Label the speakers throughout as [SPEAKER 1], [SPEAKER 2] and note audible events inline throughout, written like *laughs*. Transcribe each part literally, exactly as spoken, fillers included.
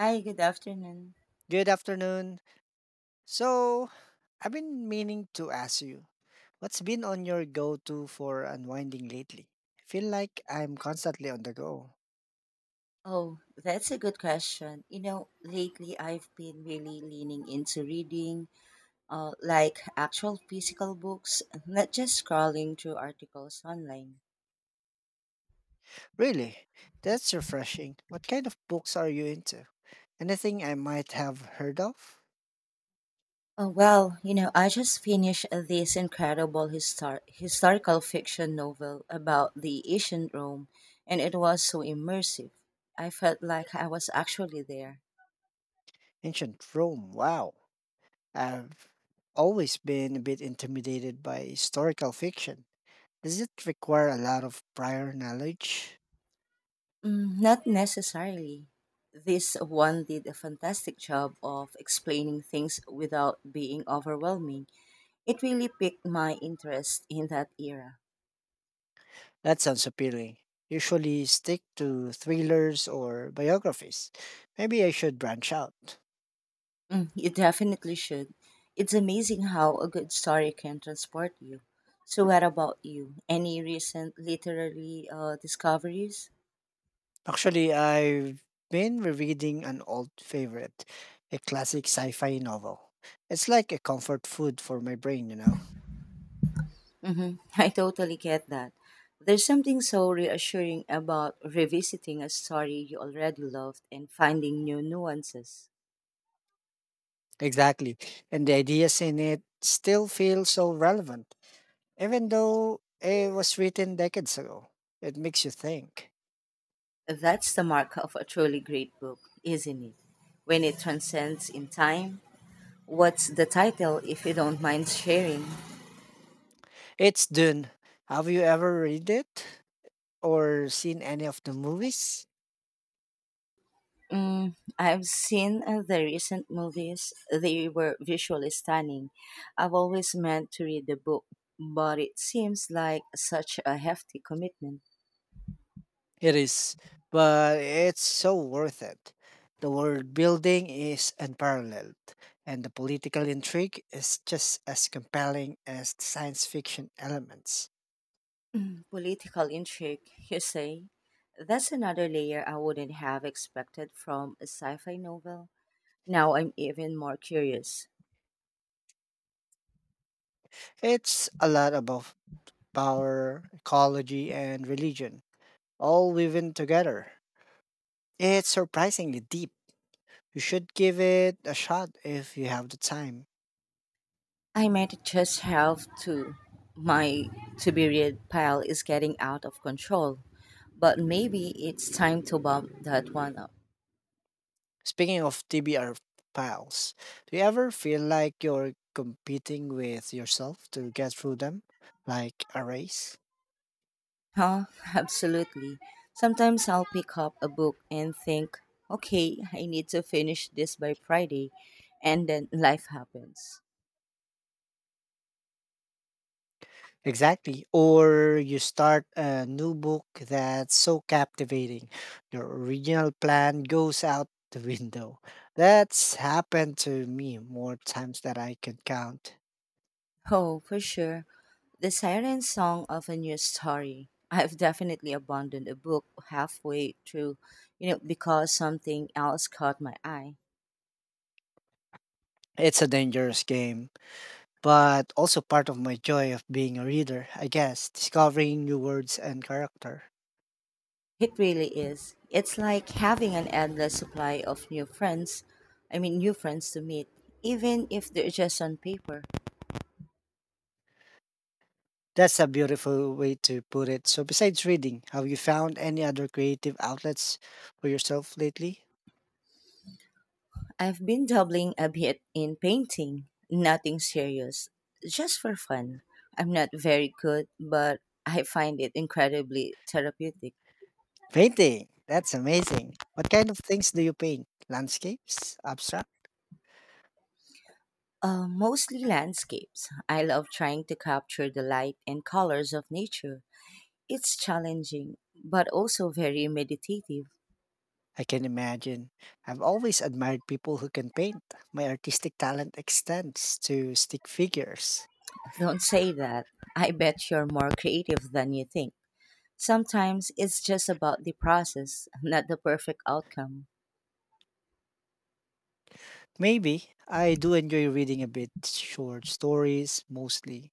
[SPEAKER 1] Hi, good afternoon.
[SPEAKER 2] Good afternoon. So, I've been meaning to ask you, what's been on your go to for unwinding lately? I feel like I'm constantly on the go.
[SPEAKER 1] Oh, that's a good question. You know, lately I've been really leaning into reading, uh, like actual physical books, not just scrolling through articles online.
[SPEAKER 2] Really? That's refreshing. What kind of books are you into? Anything I might have heard of?
[SPEAKER 1] Oh, well, you know, I just finished this incredible histor- historical fiction novel about the ancient Rome, and it was so immersive. I felt like I was actually there.
[SPEAKER 2] Ancient Rome, wow. I've always been a bit intimidated by historical fiction. Does it require a lot of prior knowledge?
[SPEAKER 1] Mm, not necessarily. This one did a fantastic job of explaining things without being overwhelming. It really piqued my interest in that era.
[SPEAKER 2] That sounds appealing. Usually stick to thrillers or biographies. Maybe I should branch out.
[SPEAKER 1] Mm, you definitely should. It's amazing how a good story can transport you. So, what about you? Any recent literary uh, discoveries?
[SPEAKER 2] Actually, I've been rereading an old favorite, a classic sci fi novel. It's like a comfort food for my brain, you know?
[SPEAKER 1] hmm *laughs* I totally get that. There's something so reassuring about revisiting a story you already loved and finding new nuances.
[SPEAKER 2] Exactly. And the ideas in it still feel so relevant, even though it was written decades ago. It makes you think.
[SPEAKER 1] That's the mark of a truly great book, isn't it? When it transcends in time. What's the title, if you don't mind sharing?
[SPEAKER 2] It's Dune. Have you ever read it or seen any of the movies?
[SPEAKER 1] Mm, I've seen uh, the recent movies. They were visually stunning. I've always meant to read the book, but it seems like such a hefty commitment.
[SPEAKER 2] It is, but it's so worth it. The world building is unparalleled, and the political intrigue is just as compelling as the science fiction elements.
[SPEAKER 1] Political intrigue, you say? That's another layer I wouldn't have expected from a sci fi novel. Now I'm even more curious.
[SPEAKER 2] It's a lot about power, ecology, and religion, all woven together. It's surprisingly deep. You should give it a shot if you have the time.
[SPEAKER 1] I might just have to. My to be read pile is getting out of control, but maybe it's time to bump that one up.
[SPEAKER 2] Speaking of T B R piles, do you ever feel like you're competing with yourself to get through them, like a race?
[SPEAKER 1] Huh? *laughs* Absolutely. Sometimes I'll pick up a book and think, okay, I need to finish this by Friday, and then life happens.
[SPEAKER 2] Exactly. Or you start a new book that's so captivating, your original plan goes out the *laughs* window. That's happened to me more times than I can count.
[SPEAKER 1] Oh, for sure. The siren song of a new story. I've definitely abandoned a book halfway through, you know, because something else caught my eye.
[SPEAKER 2] It's a dangerous game, but also part of my joy of being a reader, I guess, discovering new words and character.
[SPEAKER 1] It really is. It's like having an endless supply of new friends. I mean, new friends to meet, even if they're just on paper.
[SPEAKER 2] That's a beautiful way to put it. So, besides reading, have you found any other creative outlets for yourself lately?
[SPEAKER 1] I've been dabbling a bit in painting. Nothing serious, just for fun. I'm not very good, but I find it incredibly therapeutic.
[SPEAKER 2] Painting. That's amazing. What kind of things do you paint? Landscapes? Abstract?
[SPEAKER 1] Uh, mostly landscapes. I love trying to capture the light and colors of nature. It's challenging, but also very meditative.
[SPEAKER 2] I can imagine. I've always admired people who can paint. My artistic talent extends to stick figures.
[SPEAKER 1] Don't say that. I bet you're more creative than you think. Sometimes it's just about the process, not the perfect outcome.
[SPEAKER 2] Maybe I do enjoy reading a bit short stories mostly.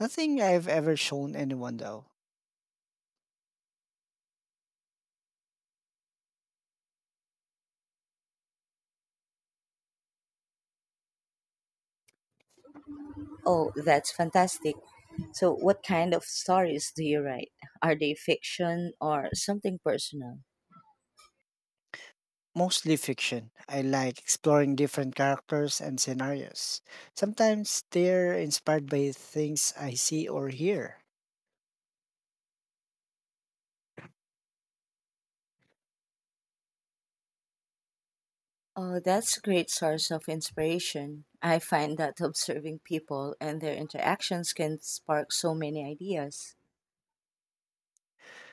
[SPEAKER 2] Nothing I've ever shown anyone though.
[SPEAKER 1] Oh, that's fantastic. So, what kind of stories do you write? Are they fiction or something personal?
[SPEAKER 2] Mostly fiction. I like exploring different characters and scenarios. Sometimes they're inspired by things I see or hear.
[SPEAKER 1] Oh, that's a great source of inspiration. I find that observing people and their interactions can spark so many ideas.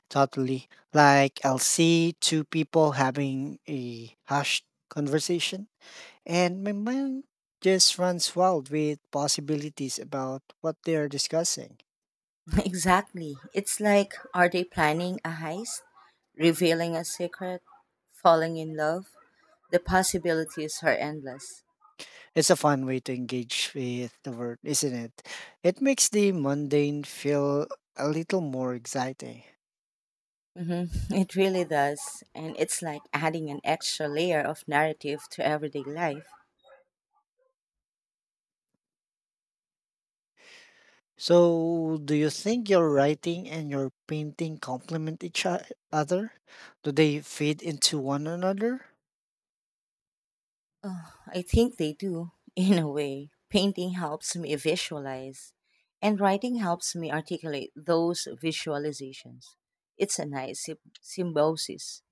[SPEAKER 2] Totally. Like I'll see two people having a hushed conversation, and my mind just runs wild with possibilities about what they are discussing.
[SPEAKER 1] *laughs* Exactly. It's like, are they planning a heist? Revealing a secret? Falling in love? The possibilities are endless.
[SPEAKER 2] It's a fun way to engage with the world, isn't it? It makes the mundane feel a little more exciting.
[SPEAKER 1] hmm *laughs* It really does. And it's like adding an extra layer of narrative to everyday life.
[SPEAKER 2] So, do you think your writing and your painting complement each o- other? Do they feed into one another?
[SPEAKER 1] Oh, I think they do, *laughs* in a way. Painting helps me visualize, and writing helps me articulate those visualizations. It's a nice sym- symbiosis.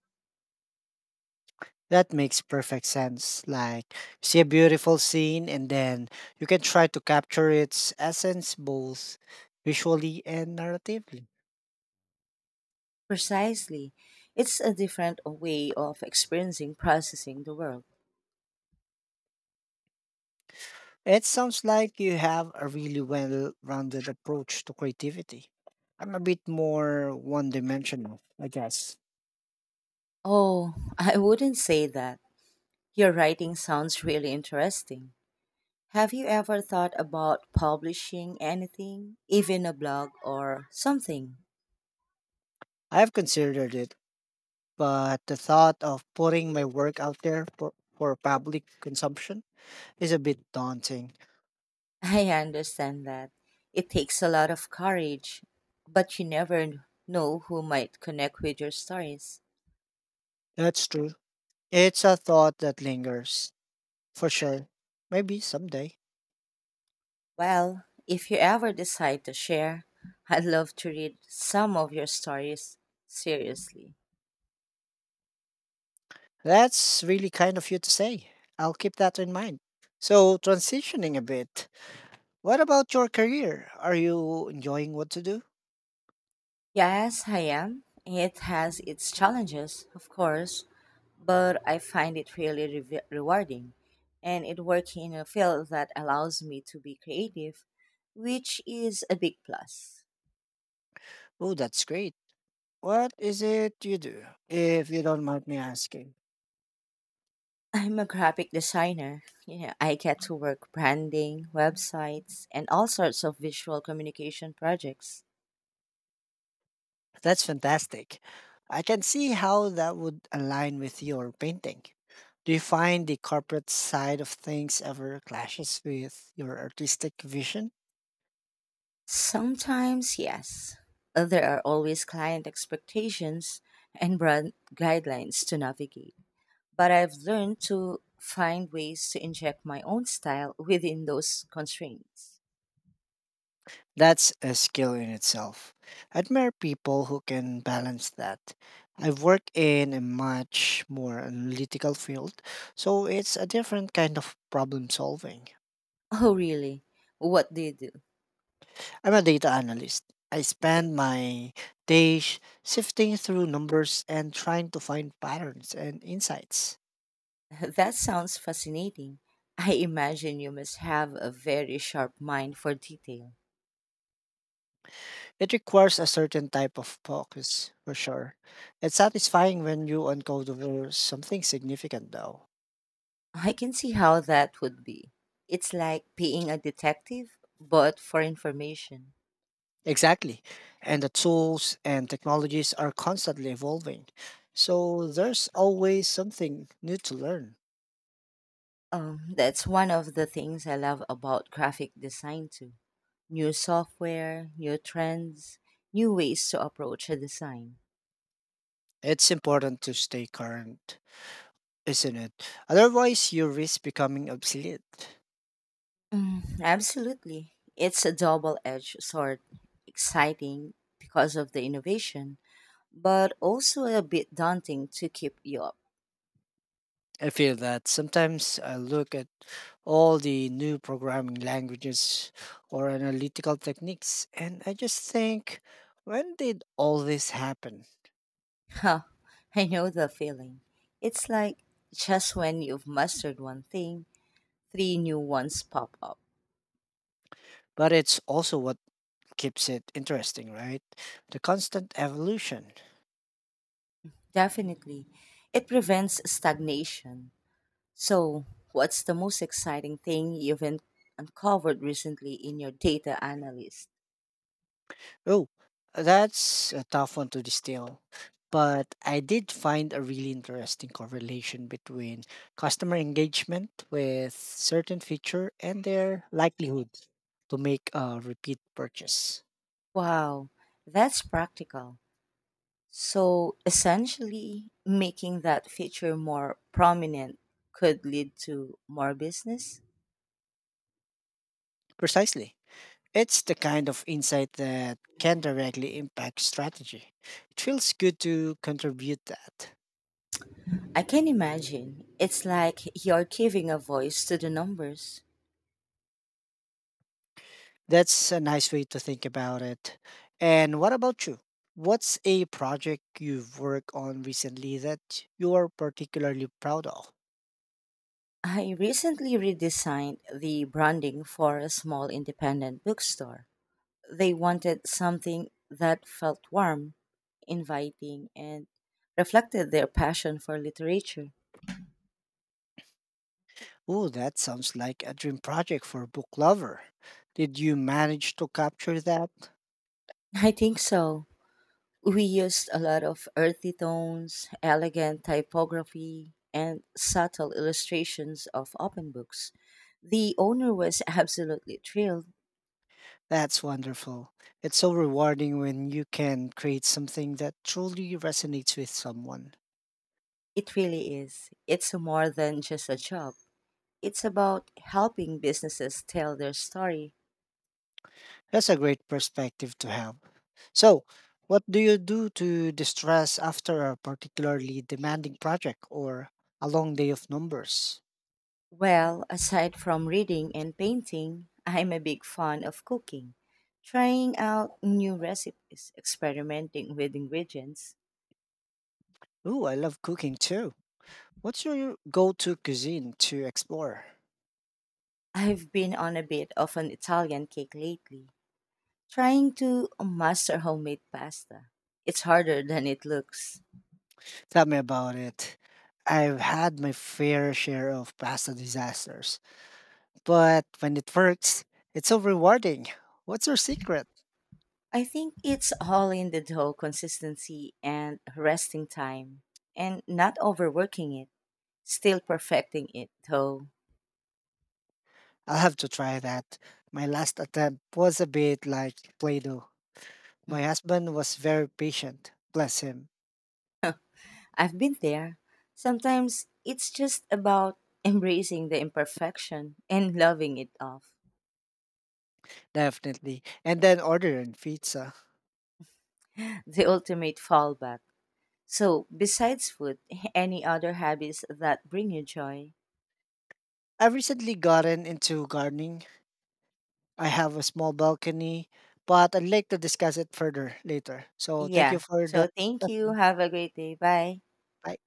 [SPEAKER 2] That makes perfect sense. Like, you see a beautiful scene, and then you can try to capture its essence both visually and narratively.
[SPEAKER 1] Precisely. It's a different way of experiencing processing the world.
[SPEAKER 2] It sounds like you have a really well rounded approach to creativity. I'm a bit more one dimensional, I guess.
[SPEAKER 1] Oh, I wouldn't say that. Your writing sounds really interesting. Have you ever thought about publishing anything, even a blog or something?
[SPEAKER 2] I have considered it but the thought of putting my work out there for, for public consumption is a bit daunting.
[SPEAKER 1] I understand that. It takes a lot of courage, but you never know who might connect with your stories.
[SPEAKER 2] That's true. It's a thought that lingers, for sure. Maybe someday.
[SPEAKER 1] Well, if you ever decide to share, I'd love to read some of your stories seriously.
[SPEAKER 2] That's really kind of you to say. I'll keep that in mind. So, transitioning a bit, what about your career? Are you enjoying what to do?
[SPEAKER 1] Yes, I am. It has its challenges, of course, but I find it really re- rewarding. And it working in a field that allows me to be creative, which is a big plus.
[SPEAKER 2] Oh, that's great. What is it you do, if you don't mind me asking?
[SPEAKER 1] I'm a graphic designer. Yeah, I get to work branding, websites, and all sorts of visual communication projects.
[SPEAKER 2] That's fantastic. I can see how that would align with your painting. Do you find the corporate side of things ever clashes with your artistic vision?
[SPEAKER 1] Sometimes, yes, there are always client expectations and brand guidelines to navigate, but I've learned to find ways to inject my own style within those constraints. *laughs*
[SPEAKER 2] That's a skill in itself. I admire people who can balance that. I've worked in a much more analytical field, so it's a different kind of problem solving.
[SPEAKER 1] Oh, really? What do you do?
[SPEAKER 2] I'm a data analyst. I spend my days sifting through numbers and trying to find patterns and insights.
[SPEAKER 1] *laughs* That sounds fascinating. I imagine you must have a very sharp mind for detail.
[SPEAKER 2] It requires a certain type of focus, for sure. It's satisfying when you uncover something significant, though.
[SPEAKER 1] I can see how that would be. It's like being a detective, but for information.
[SPEAKER 2] Exactly. And the tools and technologies are constantly evolving. So there's always something new to learn.
[SPEAKER 1] Um, that's one of the things I love about graphic design too. New software, new trends, new ways to approach a design.
[SPEAKER 2] It's important to stay current, isn't it? Otherwise, you risk becoming obsolete.
[SPEAKER 1] Mm, absolutely. It's a double edged sword. Exciting because of the innovation, but also a bit daunting to keep you up.
[SPEAKER 2] I feel that sometimes I look at all the new programming languages or analytical techniques and I just think, when did all this happen?
[SPEAKER 1] Huh, *laughs* I know the feeling. It's like just when you've mastered one thing, three new ones pop up.
[SPEAKER 2] But it's also what keeps it interesting, right? The constant evolution.
[SPEAKER 1] Definitely. It prevents stagnation. So, what's the most exciting thing you've en- uncovered recently in your data analyst?
[SPEAKER 2] Oh, that's a tough one to distill. But I did find a really interesting correlation between customer engagement with certain feature and their likelihood to make a repeat purchase.
[SPEAKER 1] Wow, that's practical. So essentially, making that feature more prominent could lead to more business.
[SPEAKER 2] Precisely. It's the kind of insight that can directly impact strategy. It feels good to contribute that.
[SPEAKER 1] I can imagine. It's like you're giving a voice to the numbers.
[SPEAKER 2] That's a nice way to think about it. And what about you? What's a project you've worked on recently that you're particularly proud of?
[SPEAKER 1] I recently redesigned the branding for a small independent bookstore. They wanted something that felt warm, inviting, and reflected their passion for literature.
[SPEAKER 2] Oh, that sounds like a dream project for a book lover. Did you manage to capture that?
[SPEAKER 1] I think so. We used a lot of earthy tones, elegant typography, and subtle illustrations of open books. The owner was *laughs* absolutely thrilled.
[SPEAKER 2] That's wonderful. It's so rewarding when you can create something that truly resonates with someone.
[SPEAKER 1] It really is. It's more than just a job, it's about helping businesses tell their story.
[SPEAKER 2] That's a great perspective to have. So, what do you do to distress after a particularly demanding project or a long day of numbers?
[SPEAKER 1] Well, aside from reading and painting, I'm a big fan of cooking, trying out new recipes, experimenting with ingredients.
[SPEAKER 2] Ooh, I love cooking too. What's your go to cuisine to explore?
[SPEAKER 1] I've been on a bit of an Italian cake lately. Trying to master homemade pasta. It's harder than it looks.
[SPEAKER 2] Tell me about it. I've had my fair share of pasta disasters, but when it works, it's so rewarding. What's your secret?
[SPEAKER 1] I think it's all in the dough consistency and resting time and not overworking it, still perfecting it though.
[SPEAKER 2] I'll have to try that. My last attempt was a bit like Play Doh.
[SPEAKER 1] Mm,
[SPEAKER 2] My husband was very patient, bless him.
[SPEAKER 1] I've been there. Sometimes it's just about *laughs* embracing the imperfection and loving it off.
[SPEAKER 2] Definitely. And then ordering pizza.
[SPEAKER 1] The ultimate fallback. So, besides food, *laughs* any other hobbies that bring you joy?
[SPEAKER 2] I've recently gotten into gardening. I have a small balcony, but I'd like to discuss it further later. So thank you
[SPEAKER 1] Yeah.
[SPEAKER 2] for the
[SPEAKER 1] So, thank you.
[SPEAKER 2] session.
[SPEAKER 1] Have a great day. Bye.
[SPEAKER 2] Bye.